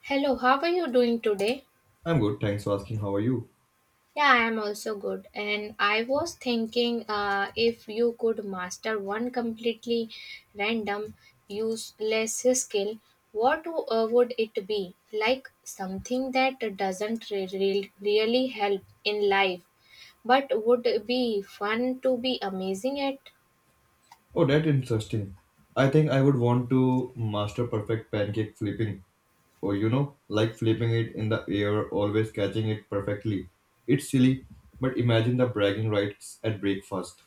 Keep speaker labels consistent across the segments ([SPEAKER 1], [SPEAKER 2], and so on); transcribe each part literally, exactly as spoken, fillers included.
[SPEAKER 1] Hello, how are you doing today?
[SPEAKER 2] I'm good, thanks for asking. How are you?
[SPEAKER 1] Yeah, I am also good. And I was thinking uh, if you could master one completely random, useless skill, what w- uh, would it be? Like something that doesn't re- re- really help in life, but would be fun to be amazing at?
[SPEAKER 2] Oh, that's interesting. I think I would want to master perfect pancake flipping. Or, you know, like flipping it in the air, always catching it perfectly. It's silly, but imagine the bragging rights at breakfast.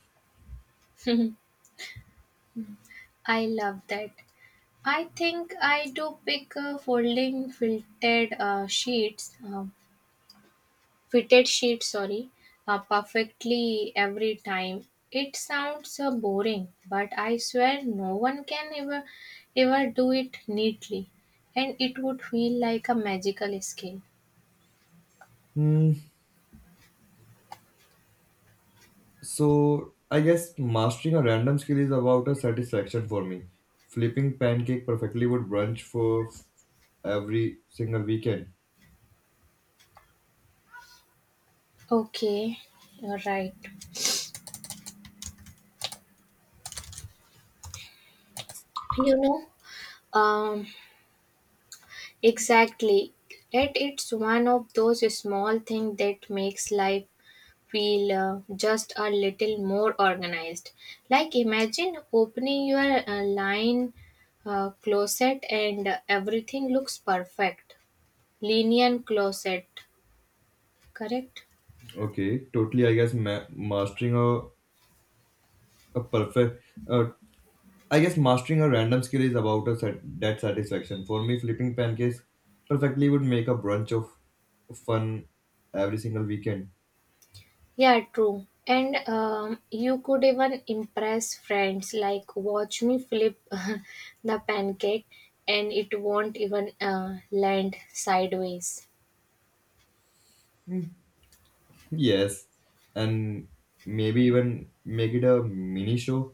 [SPEAKER 1] I love that. I think I do pick uh, folding filtered uh, sheets. um, fitted sheet sorry uh, perfectly every time. It sounds uh, boring, but I swear no one can ever ever do it neatly, and it would feel like a magical skill.
[SPEAKER 2] Hmm, so I guess mastering a random skill is about a satisfaction for me. Flipping pancake perfectly would brunch for f- every single weekend.
[SPEAKER 1] Okay, you're right, you know um exactly, and it's one of those small things that makes life feel uh, just a little more organized. Like imagine opening your uh, line uh, closet, and uh, everything looks perfect. Linear closet, correct?
[SPEAKER 2] Okay, totally. I guess ma- mastering a, a perfect, uh. I guess mastering a random skill is about a sat that satisfaction. For me, flipping pancakes perfectly would make a brunch of fun every single weekend.
[SPEAKER 1] Yeah, true. And um, you could even impress friends like watch me flip the pancake, and it won't even uh, land sideways.
[SPEAKER 2] Yes, and maybe even make it a mini show.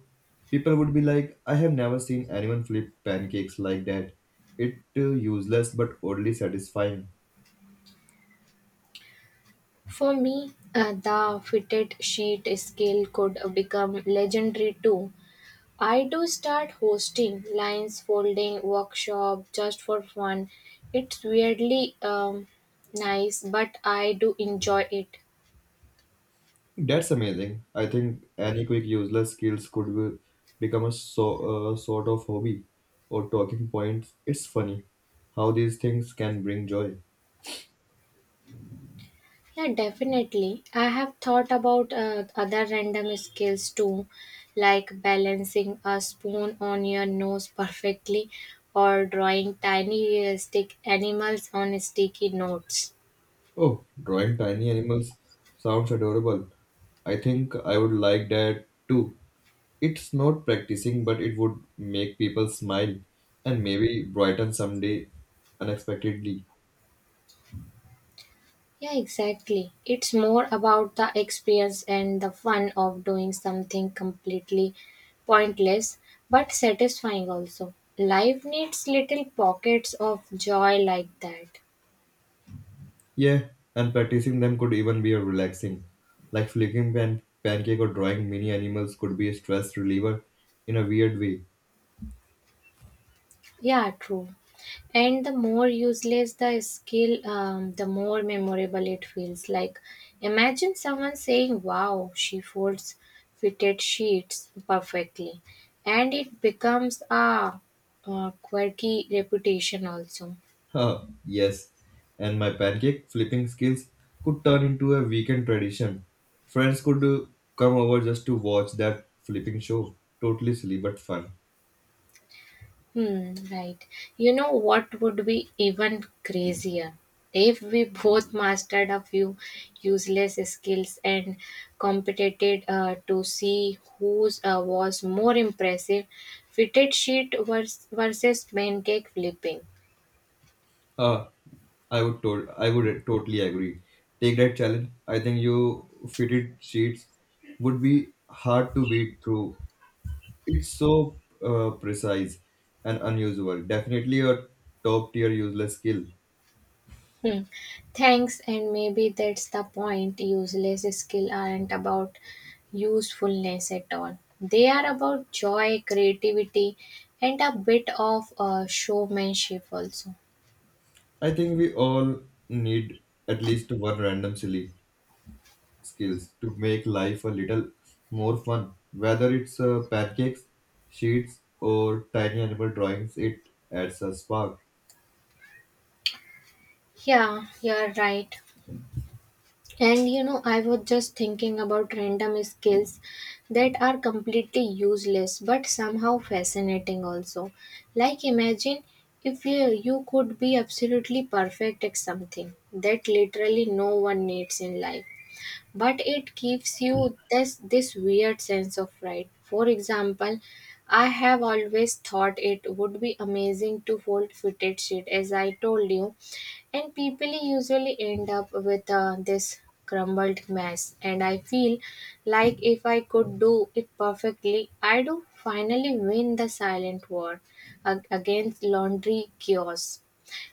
[SPEAKER 2] People would be like, I have never seen anyone flip pancakes like that. It uh, useless but oddly satisfying.
[SPEAKER 1] For me, uh, the fitted sheet skill could become legendary too. I do start hosting lines folding workshop just for fun. It's weirdly um, nice, but I do enjoy it.
[SPEAKER 2] That's amazing. I think any quick useless skills could be, become a so, uh, sort of hobby or talking points. It's funny how these things can bring joy.
[SPEAKER 1] Yeah, definitely. I have thought about uh, other random skills too, like balancing a spoon on your nose perfectly, or drawing tiny realistic animals on sticky notes.
[SPEAKER 2] Oh, drawing tiny animals sounds adorable. I think I would like that too. It's not practicing, but it would make people smile and maybe brighten someday unexpectedly.
[SPEAKER 1] Yeah, exactly. It's more about the experience and the fun of doing something completely pointless but satisfying also. Life needs little pockets of joy like that.
[SPEAKER 2] Yeah, and practicing them could even be a relaxing. Like flicking pan- pancake or drawing mini animals could be a stress reliever in a weird way.
[SPEAKER 1] Yeah, true. And the more useless the skill, um, the more memorable it feels. Like, imagine someone saying, "Wow, she folds fitted sheets perfectly." And it becomes a uh, quirky reputation also.
[SPEAKER 2] Huh, yes. And my pancake flipping skills could turn into a weekend tradition. Friends could uh, come over just to watch that flipping show. Totally silly but fun.
[SPEAKER 1] Hmm, right. You know what would be even crazier? If we both mastered a few useless skills and competed uh, to see whose uh, was more impressive, fitted sheet vers- versus pancake flipping.
[SPEAKER 2] Huh, I would to- I would totally agree. Take that challenge. I think you fitted sheets would be hard to beat through. It's so uh, precise and unusual. Definitely a top tier useless skill.
[SPEAKER 1] Hmm. Thanks, and maybe that's the point. Useless skills aren't about usefulness at all. They are about joy, creativity, and a bit of uh, showmanship also.
[SPEAKER 2] I think we all need at least one random silly skills to make life a little more fun. Whether it's uh, pancakes, sheets, or tiny animal drawings, it adds a spark.
[SPEAKER 1] Yeah, you're right. And you know, I was just thinking about random skills that are completely useless but somehow fascinating also. Like, imagine if you, you could be absolutely perfect at something that literally no one needs in life, but it gives you this, this weird sense of pride. For example, I have always thought it would be amazing to fold fitted sheet, as I told you, and people usually end up with uh, this crumbled mess, and I feel like if I could do it perfectly, I do finally win the silent war ag- against laundry chaos,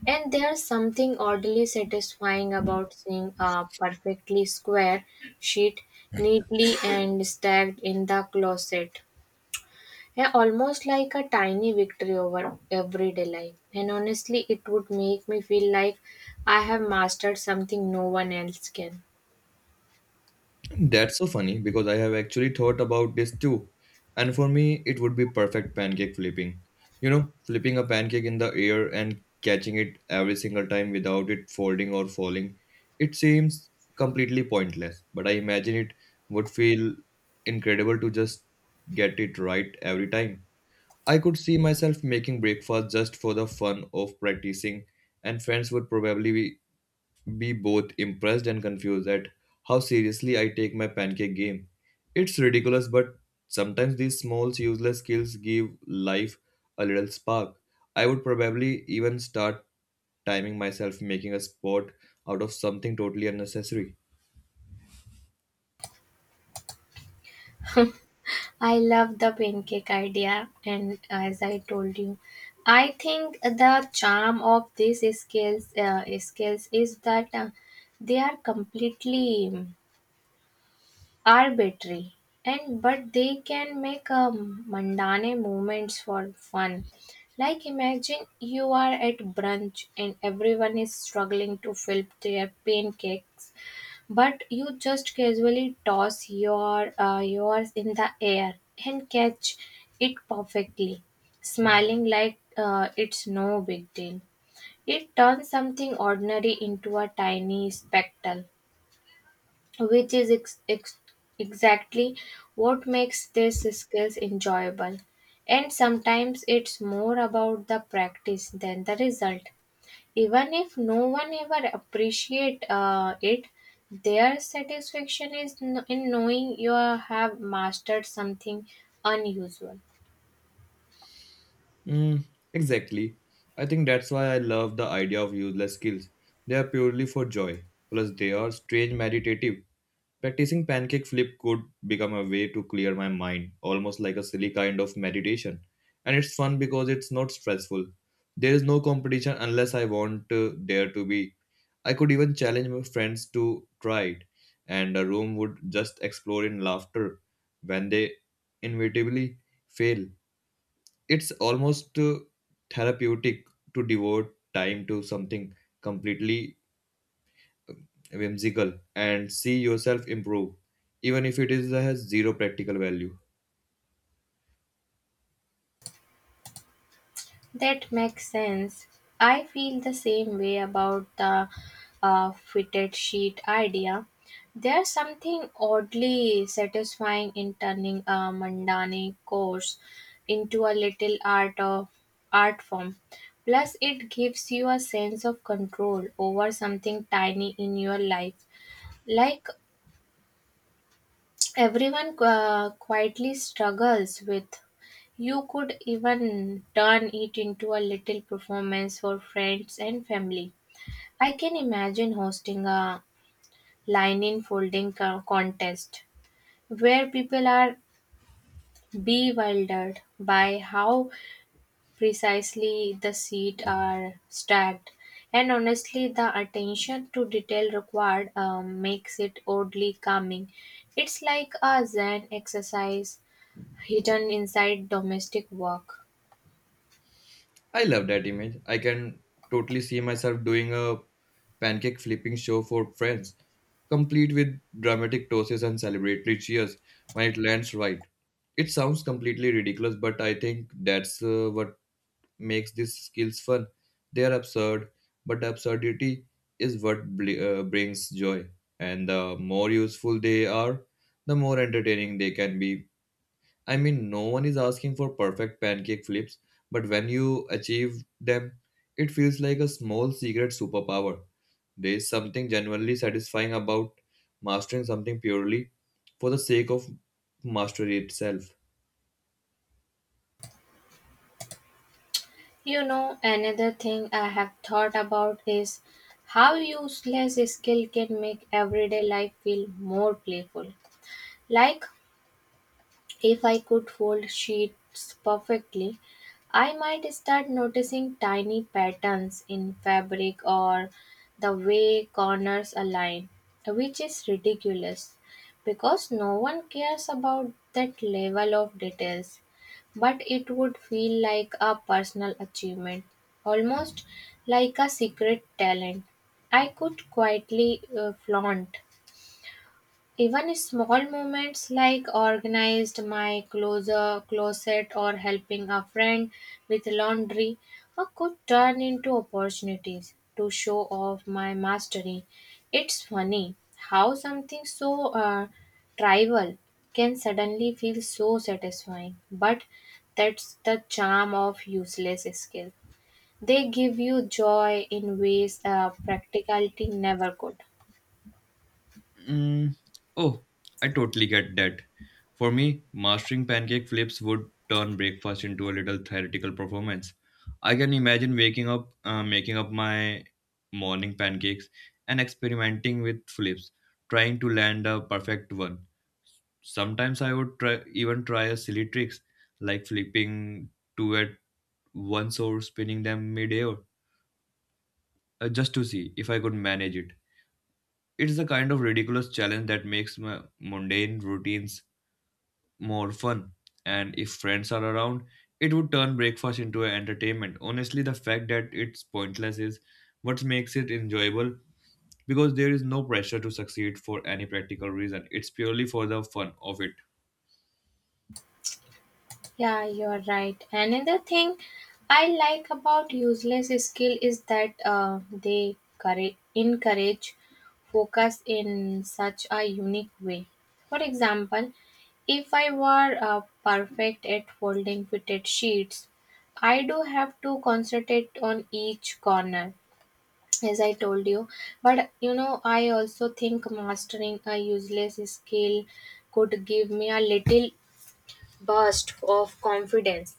[SPEAKER 1] and there's something oddly satisfying about seeing a perfectly square sheet neatly and stacked in the closet. Yeah, almost like a tiny victory over everyday life. And honestly, it would make me feel like I have mastered something no one else can.
[SPEAKER 2] That's so funny because I have actually thought about this too. And for me, it would be perfect pancake flipping. You know, flipping a pancake in the air and catching it every single time without it folding or falling. It seems completely pointless, but I imagine it would feel incredible to just get it right every time. I could see myself making breakfast just for the fun of practicing, and friends would probably be be both impressed and confused at how seriously I take my pancake game. It's ridiculous, but sometimes these small, useless skills give life a little spark. I would probably even start timing myself, making a sport out of something totally unnecessary.
[SPEAKER 1] I love the pancake idea, and as I told you, I think the charm of these scales, uh, scales is that uh, they are completely arbitrary and but they can make um, mundane moments for fun. Like imagine you are at brunch and everyone is struggling to flip their pancakes, but you just casually toss your uh, yours in the air and catch it perfectly, smiling like uh, it's no big deal. It turns something ordinary into a tiny spectacle, which is ex- ex- exactly what makes these skills enjoyable. And sometimes it's more about the practice than the result. Even if no one ever appreciate uh, it, their satisfaction is kn- in knowing you have mastered something unusual.
[SPEAKER 2] Mm, exactly. I think that's why I love the idea of useless skills. They are purely for joy, plus, they are strange meditative. Practicing pancake flip could become a way to clear my mind, almost like a silly kind of meditation. And it's fun because it's not stressful. There is no competition unless I want uh, there to be. I could even challenge my friends to try it, and the room would just explode in laughter when they inevitably fail. It's almost uh, therapeutic to devote time to something completely whimsical, and see yourself improve, even if it is has zero practical value.
[SPEAKER 1] That makes sense. I feel the same way about the uh, fitted sheet idea. There's something oddly satisfying in turning a mundane course into a little art of art form. Plus, it gives you a sense of control over something tiny in your life, like everyone uh, quietly struggles with. You could even turn it into a little performance for friends and family. I can imagine hosting a line in folding co- contest where people are bewildered by how precisely the seats are stacked. And honestly, the attention to detail required um, makes it oddly calming. It's like a Zen exercise hidden inside domestic work.
[SPEAKER 2] I love that image. I can totally see myself doing a pancake flipping show for friends, complete with dramatic tosses and celebratory cheers when it lands right. It sounds completely ridiculous, but I think that's uh, what makes these skills fun. They are absurd, but absurdity is what bl- uh, brings joy. And the more useful they are, the more entertaining they can be. I mean, no one is asking for perfect pancake flips, but when you achieve them, it feels like a small secret superpower. There is something genuinely satisfying about mastering something purely for the sake of mastery itself.
[SPEAKER 1] You know, another thing I have thought about is how useless skill can make everyday life feel more playful. Like, if I could fold sheets perfectly, I might start noticing tiny patterns in fabric or the way corners align, which is ridiculous because no one cares about that level of details. But it would feel like a personal achievement, almost like a secret talent I could quietly uh, flaunt. Even small moments like organized my closer closet or helping a friend with laundry uh, could turn into opportunities to show off my mastery. It's funny how something so uh, trivial can suddenly feel so satisfying, but that's the charm of useless skill. They give you joy in ways uh, practicality never could.
[SPEAKER 2] Mm, oh, I totally get that. For me, mastering pancake flips would turn breakfast into a little theoretical performance. I can imagine waking up, uh, making up my morning pancakes and experimenting with flips, trying to land a perfect one. Sometimes I would try, even try a silly tricks like flipping two at once or spinning them midair uh, just to see if I could manage it. It's the kind of ridiculous challenge that makes my mundane routines more fun. And if friends are around, it would turn breakfast into an entertainment. Honestly, the fact that it's pointless is what makes it enjoyable because there is no pressure to succeed for any practical reason. It's purely for the fun of it.
[SPEAKER 1] Yeah, you're right. Another thing I like about useless skill is that uh, they courage, encourage focus in such a unique way. For example, if I were uh, perfect at folding fitted sheets, I do have to concentrate on each corner, as I told you. But you know, I also think mastering a useless skill could give me a little burst of confidence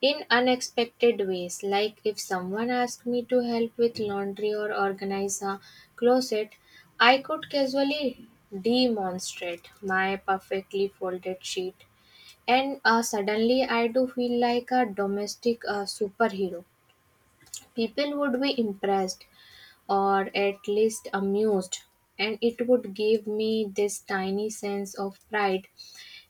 [SPEAKER 1] in unexpected ways, like if someone asked me to help with laundry or organize a closet, I could casually demonstrate my perfectly folded sheet, and uh, suddenly I do feel like a domestic uh, superhero. People would be impressed or at least amused, and it would give me this tiny sense of pride.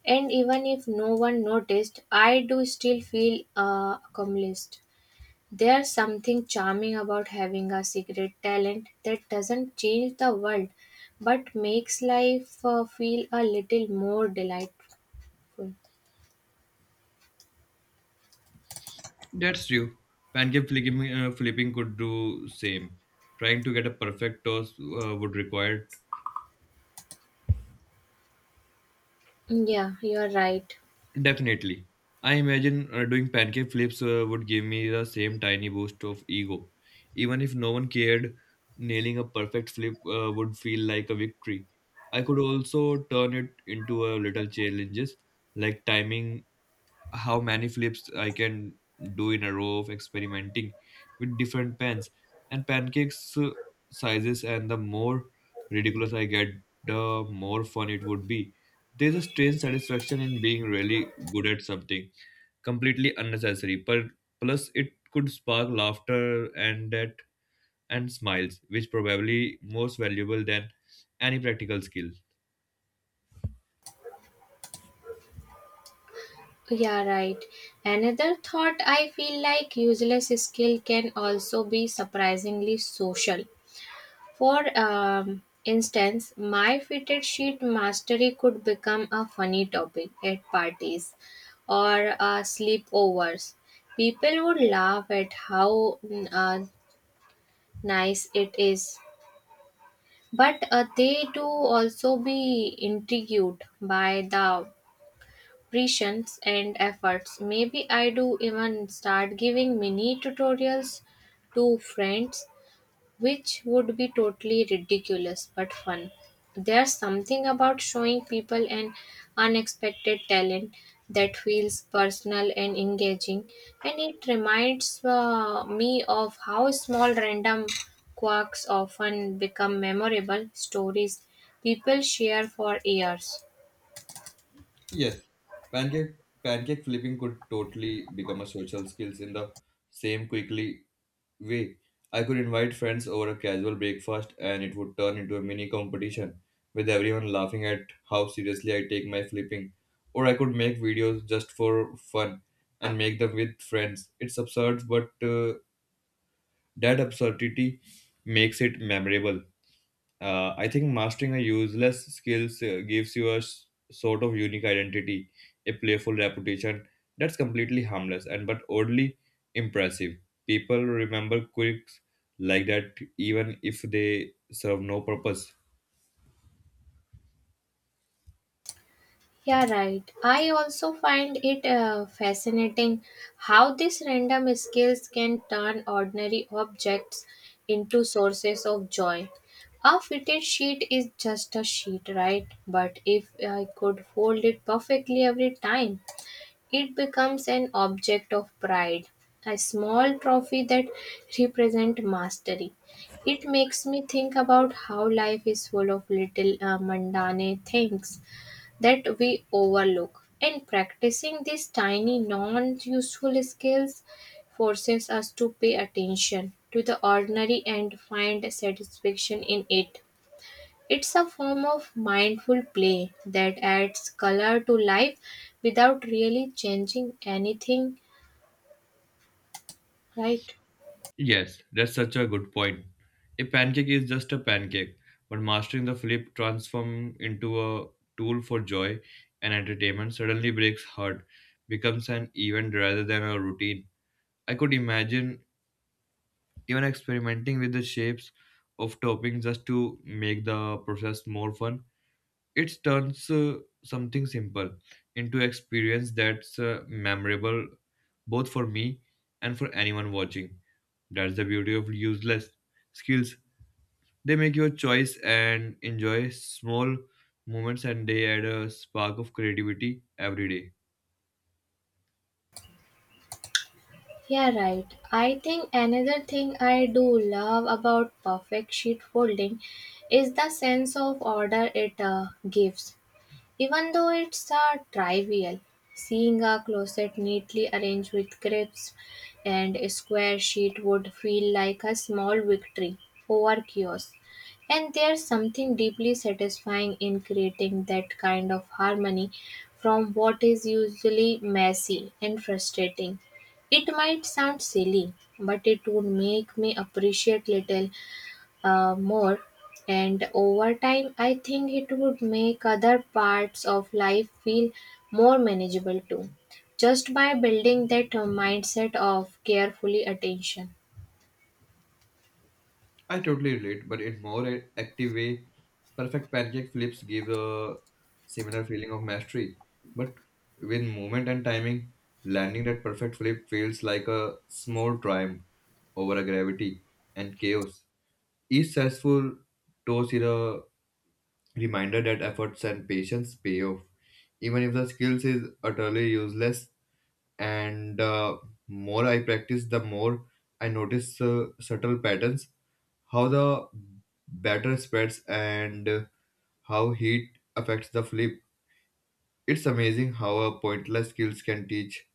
[SPEAKER 1] And even if no one noticed, I do still feel uh, accomplished. There's something charming about having a secret talent that doesn't change the world but makes life uh, feel a little more delightful.
[SPEAKER 2] That's true. Pancake flipping, uh, flipping could do same. Trying to get a perfect toss uh, would require.
[SPEAKER 1] Yeah, you're right.
[SPEAKER 2] Definitely. I imagine uh, doing pancake flips uh, would give me the same tiny boost of ego. Even if no one cared, nailing a perfect flip uh, would feel like a victory. I could also turn it into a little challenges like timing how many flips I can do in a row of experimenting with different pans and pancakes uh, sizes, and the more ridiculous I get, the more fun it would be. There's a strange satisfaction in being really good at something completely unnecessary, but plus it could spark laughter and that and smiles, which probably most valuable than any practical skill.
[SPEAKER 1] Yeah, right. Another thought, I feel like useless skill can also be surprisingly social. For um, instance, my fitted sheet mastery could become a funny topic at parties or uh, sleepovers. People would laugh at how mm, uh, nice it is, but uh, they do also be intrigued by the precisions and efforts. Maybe I do even start giving mini tutorials to friends, which would be totally ridiculous but fun. There's something about showing people an unexpected talent that feels personal and engaging, and it reminds uh, me of how small random quirks often become memorable stories people share for years.
[SPEAKER 2] Yes, pancake pancake flipping could totally become a social skills in the same quickly way. I could invite friends over a casual breakfast and it would turn into a mini competition with everyone laughing at how seriously I take my flipping. Or I could make videos just for fun and make them with friends. It's absurd, but uh, that absurdity makes it memorable. Uh, I think mastering a useless skills uh, gives you a s- sort of unique identity, a playful reputation that's completely harmless and but oddly impressive. People remember quirks like that even if they serve no purpose.
[SPEAKER 1] Yeah, right. I also find it uh, fascinating how these random skills can turn ordinary objects into sources of joy. A fitted sheet is just a sheet, right? But if I could fold it perfectly every time, it becomes an object of pride, a small trophy that represents mastery. It makes me think about how life is full of little uh, mundane things that we overlook. And practicing these tiny, non useful skills forces us to pay attention to the ordinary and find satisfaction in it. It's a form of mindful play that adds color to life without really changing anything, right?
[SPEAKER 2] Yes, that's such a good point. A pancake is just a pancake, but mastering the flip transform into a tool for joy and entertainment suddenly breaks heart, becomes an event rather than a routine. I could imagine even experimenting with the shapes of toppings just to make the process more fun. It turns uh, something simple into experience that's uh, memorable both for me and for anyone watching. That's the beauty of useless skills. They make your choice and enjoy small moments and they add a spark of creativity every day.
[SPEAKER 1] Yeah, right. I think another thing I do love about perfect sheet folding is the sense of order it uh, gives. Even though it's a trivial, seeing a closet neatly arranged with cribs and a square sheet would feel like a small victory over chaos. And there's something deeply satisfying in creating that kind of harmony from what is usually messy and frustrating. It might sound silly, but it would make me appreciate little uh, more, and over time I think it would make other parts of life feel more manageable too, just by building that uh, mindset of carefully attention.
[SPEAKER 2] I totally relate, but in more a- active way, perfect pancake flips give a similar feeling of mastery. But with movement and timing, landing that perfect flip feels like a small triumph over a gravity and chaos. Each successful toss is a reminder that efforts and patience pay off. Even if the skills is utterly useless, and uh, more I practice, the more I notice uh, subtle patterns how the batter spreads and how heat affects the flip. It's amazing how a pointless skills can teach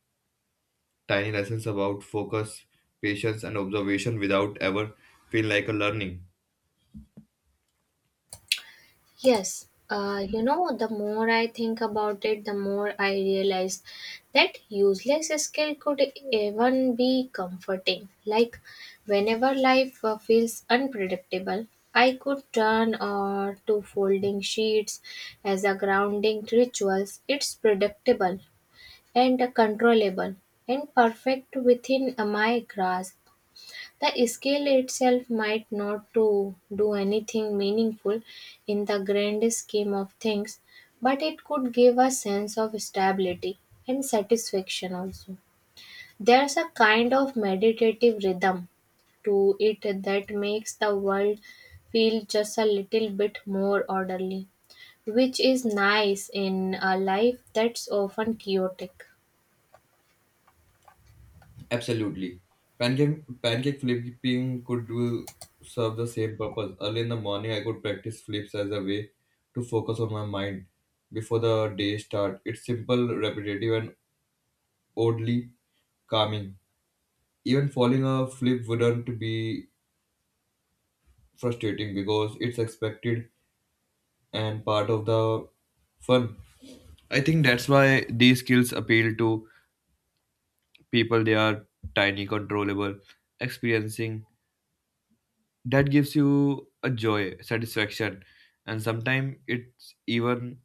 [SPEAKER 2] tiny lessons about focus, patience, and observation without ever feel like a learning.
[SPEAKER 1] Yes, uh, you know, the more I think about it, the more I realize that useless skill could even be comforting. Like, whenever life uh, feels unpredictable, I could turn uh, to folding sheets as a grounding rituals. It's predictable and controllable and perfect within uh, my grasp. The scale itself might not to do anything meaningful in the grand scheme of things, but it could give a sense of stability and satisfaction also. There's a kind of meditative rhythm to it that makes the world feel just a little bit more orderly, which is nice in a life that's often chaotic.
[SPEAKER 2] Absolutely. Pancake, pancake flipping could do serve the same purpose. Early in the morning, I could practice flips as a way to focus on my mind before the day start. It's simple, repetitive, and oddly calming. Even falling a flip wouldn't be frustrating because it's expected and part of the fun. I think that's why these skills appeal to people. They are tiny, controllable, experiencing. That gives you a joy, satisfaction, and sometimes it's even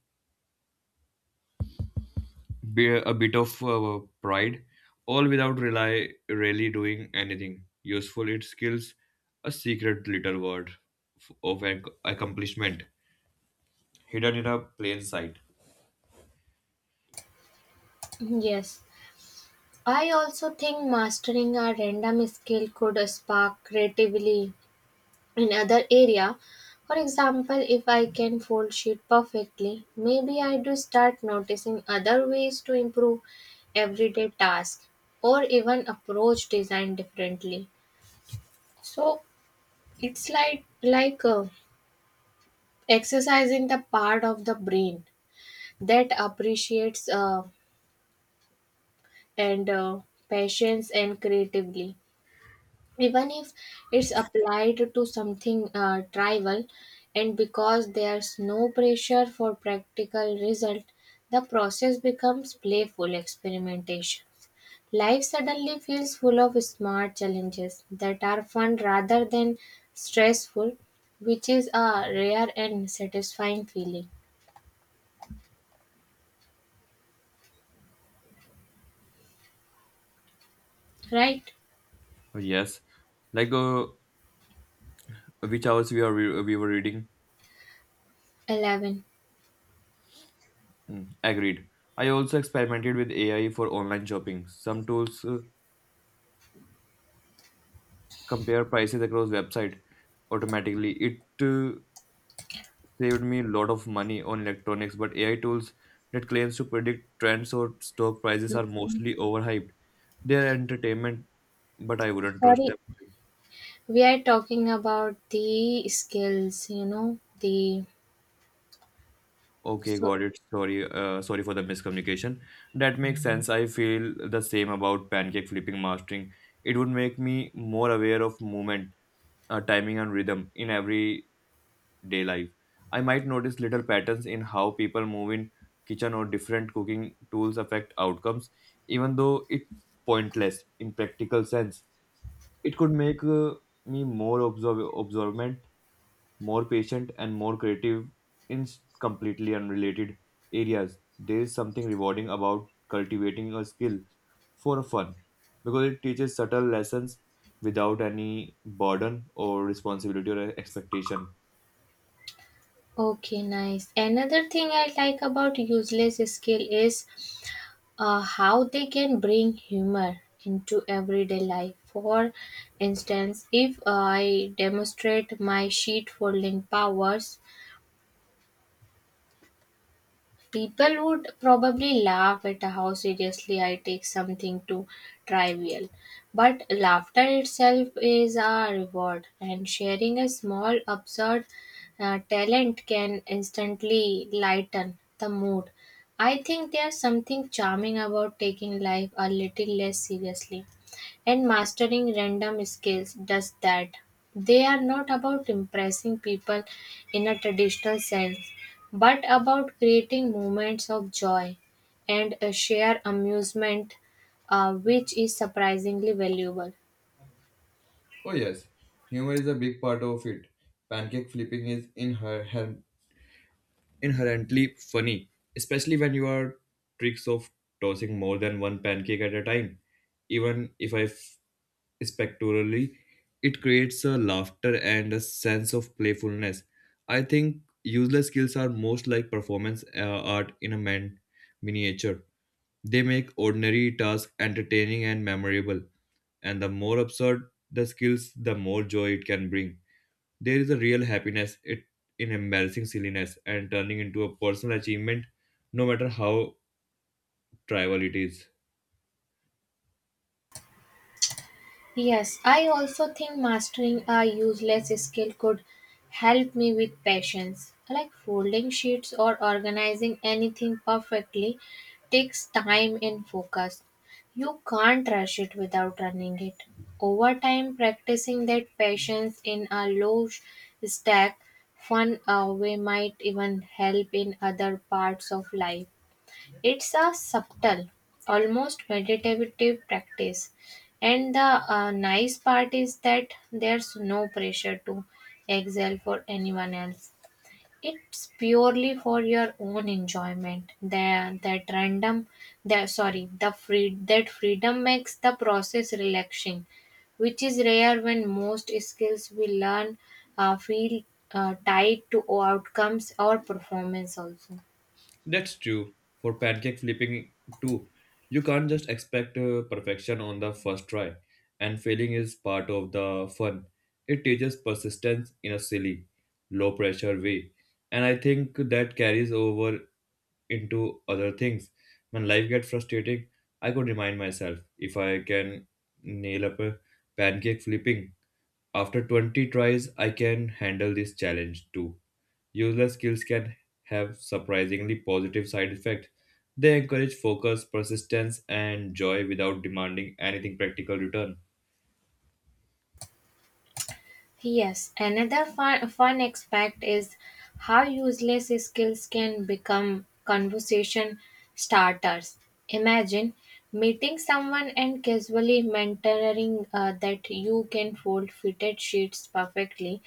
[SPEAKER 2] be a bit of uh, pride, all without rely really doing anything useful. It skills a secret little word f- of ac- accomplishment hidden in a plain sight.
[SPEAKER 1] Yes. I also think mastering a random skill could spark creatively in other area. For example, if I can fold sheet perfectly, maybe I do start noticing other ways to improve everyday tasks or even approach design differently. So it's like like uh, exercising the part of the brain that appreciates uh, and uh, patience and creatively, even if it's applied to something uh, trivial. And because there's no pressure for practical result, the process becomes playful experimentation. Life suddenly feels full of smart challenges that are fun rather than stressful, which is a rare and satisfying feeling, right?
[SPEAKER 2] Yes, like a which hours we are we, we were reading.
[SPEAKER 1] eleven.
[SPEAKER 2] Mm, agreed. I also experimented with A I for online shopping. Some tools uh, compare prices across website automatically. It uh, saved me a lot of money on electronics, but A I tools that claims to predict trends or stock prices are mostly overhyped. They are entertainment, but I wouldn't trust
[SPEAKER 1] Sorry,
[SPEAKER 2] them.
[SPEAKER 1] we are talking about the skills, you know, the
[SPEAKER 2] Okay,
[SPEAKER 1] so.
[SPEAKER 2] got it. Sorry, uh, sorry for the miscommunication. That makes sense. I feel the same about pancake flipping mastering. It would make me more aware of movement, uh, timing, and rhythm in everyday life. I might notice little patterns in how people move in kitchen or different cooking tools affect outcomes, even though it's pointless in practical sense. It could make uh, me more observ observant, more patient and more creative in s- completely unrelated areas. There is something rewarding about cultivating a skill for fun because it teaches subtle lessons without any burden or responsibility or expectation.
[SPEAKER 1] Okay, nice. Another thing I like about useless skill is uh, how they can bring humor into everyday life. For instance, if I demonstrate my sheet folding powers, people would probably laugh at how seriously I take something too trivial. But laughter itself is a reward, and sharing a small absurd uh, talent can instantly lighten the mood. I think there's something charming about taking life a little less seriously, and mastering random skills does that. They are not about impressing people in a traditional sense but about creating moments of joy and a shared amusement, uh, which is surprisingly valuable.
[SPEAKER 2] Oh yes, humor is a big part of it. Pancake flipping is inher- inherently funny, especially when you are tricks of tossing more than one pancake at a time. Even if I f- spectacularly. It creates a laughter and a sense of playfulness. I think useless skills are most like performance uh, art in a man miniature. They make ordinary tasks entertaining and memorable. And the more absurd the skills, the more joy it can bring. There is a real happiness it, in embarrassing silliness and turning into a personal achievement, no matter how trivial it is.
[SPEAKER 1] Yes, I also think mastering a useless skill could help me with patience. Like folding sheets or organizing anything perfectly takes time and focus. You can't rush it without running it. Over time, practicing that patience in a low sh- stack, fun uh, way might even help in other parts of life. It's a subtle, almost meditative practice. And the uh, nice part is that there's no pressure to excel for anyone else. It's purely for your own enjoyment. The, that random, the, sorry, the free, That freedom makes the process relaxing, which is rare when most skills we learn uh, feel uh, tied to outcomes or performance also.
[SPEAKER 2] That's true for pancake flipping too. You can't just expect uh, perfection on the first try, and failing is part of the fun. It teaches persistence in a silly, low pressure way, and I think that carries over into other things. When life gets frustrating, I could remind myself if I can nail up a pancake flipping after twenty tries, I can handle this challenge too. Useless skills can have surprisingly positive side effects. They encourage focus, persistence, and joy without demanding anything practical return.
[SPEAKER 1] Yes, another fun, fun aspect is how useless skills can become conversation starters. Imagine meeting someone and casually mentoring uh, that you can fold fitted sheets perfectly.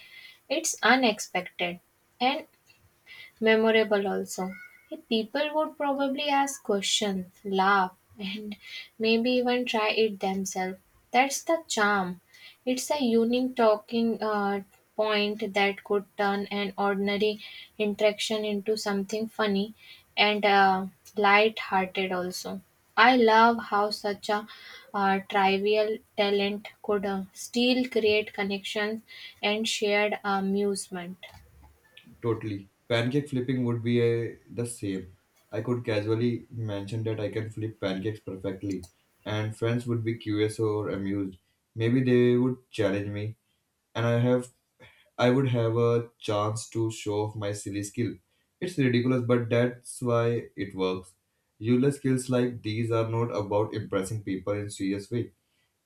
[SPEAKER 1] It's unexpected and memorable also. Hey, people would probably ask questions, laugh, and maybe even try it themselves. That's the charm. It's a unique talking uh, point that could turn an ordinary interaction into something funny and uh, light-hearted also. I love how such a uh, trivial talent could uh, still create connections and shared amusement.
[SPEAKER 2] Totally. Pancake flipping would be a, the same. I could casually mention that I can flip pancakes perfectly, and friends would be curious or amused. Maybe they would challenge me, and I have I would have a chance to show off my silly skill. It's ridiculous, but that's why it works. Useless skills like these are not about impressing people in serious way.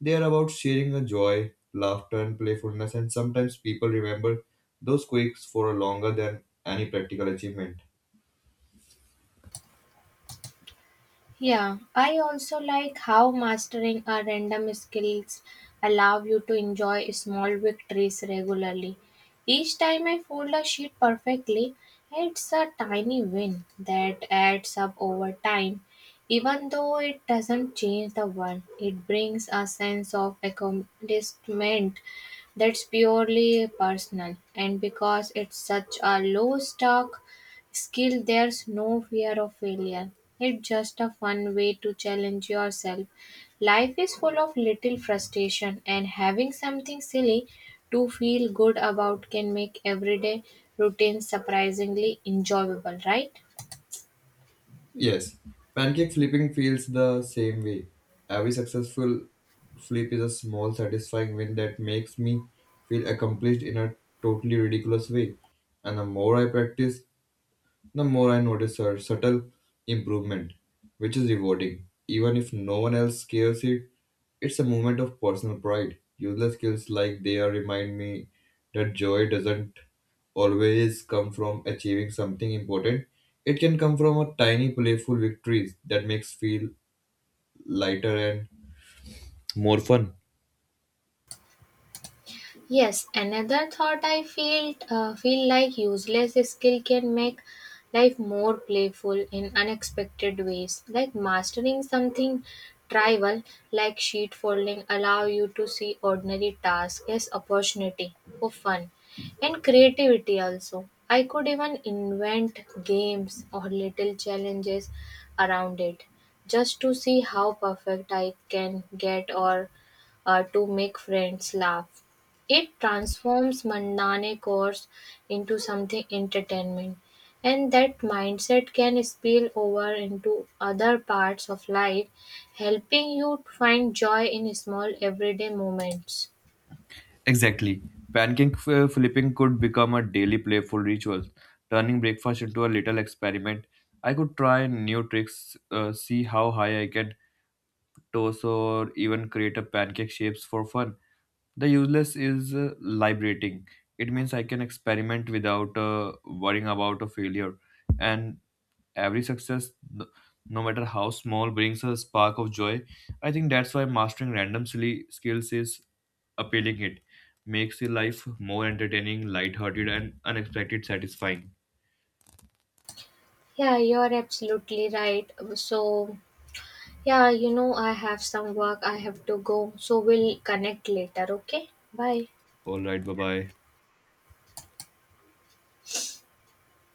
[SPEAKER 2] They are about sharing a joy, laughter, and playfulness, and sometimes people remember those quirks for longer than any practical achievement.
[SPEAKER 1] Yeah, I also like how mastering a random skills allow you to enjoy small victories regularly. Each time I fold a sheet perfectly, it's a tiny win that adds up over time. Even though it doesn't change the world, it brings a sense of accomplishment that's purely personal. And because it's such a low stock skill, there's no fear of failure. It's just a fun way to challenge yourself. Life is full of little frustration, and having something silly to feel good about can make everyday routine surprisingly enjoyable, right?
[SPEAKER 2] Yes, pancake flipping feels the same way. Every successful flip is a small, satisfying win that makes me feel accomplished in a totally ridiculous way. And the more I practice, the more I notice her subtle improvement, which is rewarding, even if no one else cares it, it's a moment of personal pride. Useless skills like they are remind me that joy doesn't always come from achieving something important. It can come from a tiny playful victories that makes feel lighter and more fun.
[SPEAKER 1] Yes, another thought. I feel uh, feel like useless skill can make life more playful in unexpected ways. Like mastering something trivial like sheet folding allow you to see ordinary tasks as opportunity for fun and creativity also. I could even invent games or little challenges around it just to see how perfect I can get, or uh, to make friends laugh. It transforms mundane chores into something entertainment, and that mindset can spill over into other parts of life, helping you find joy in small everyday moments.
[SPEAKER 2] Exactly. Pancake uh, flipping could become a daily playful ritual, turning breakfast into a little experiment. I could try new tricks, uh, see how high I can toss or even create a pancake shapes for fun. The useless is uh, liberating. It means I can experiment without uh, worrying about a failure. And every success, no no matter how small, brings a spark of joy. I think that's why mastering random silly skills is appealing. It makes your life more entertaining, lighthearted, and unexpected satisfying.
[SPEAKER 1] Yeah, you're absolutely right. So, yeah, you know, I have some work I have to go, so we'll connect later, okay? Bye.
[SPEAKER 2] All right, bye bye.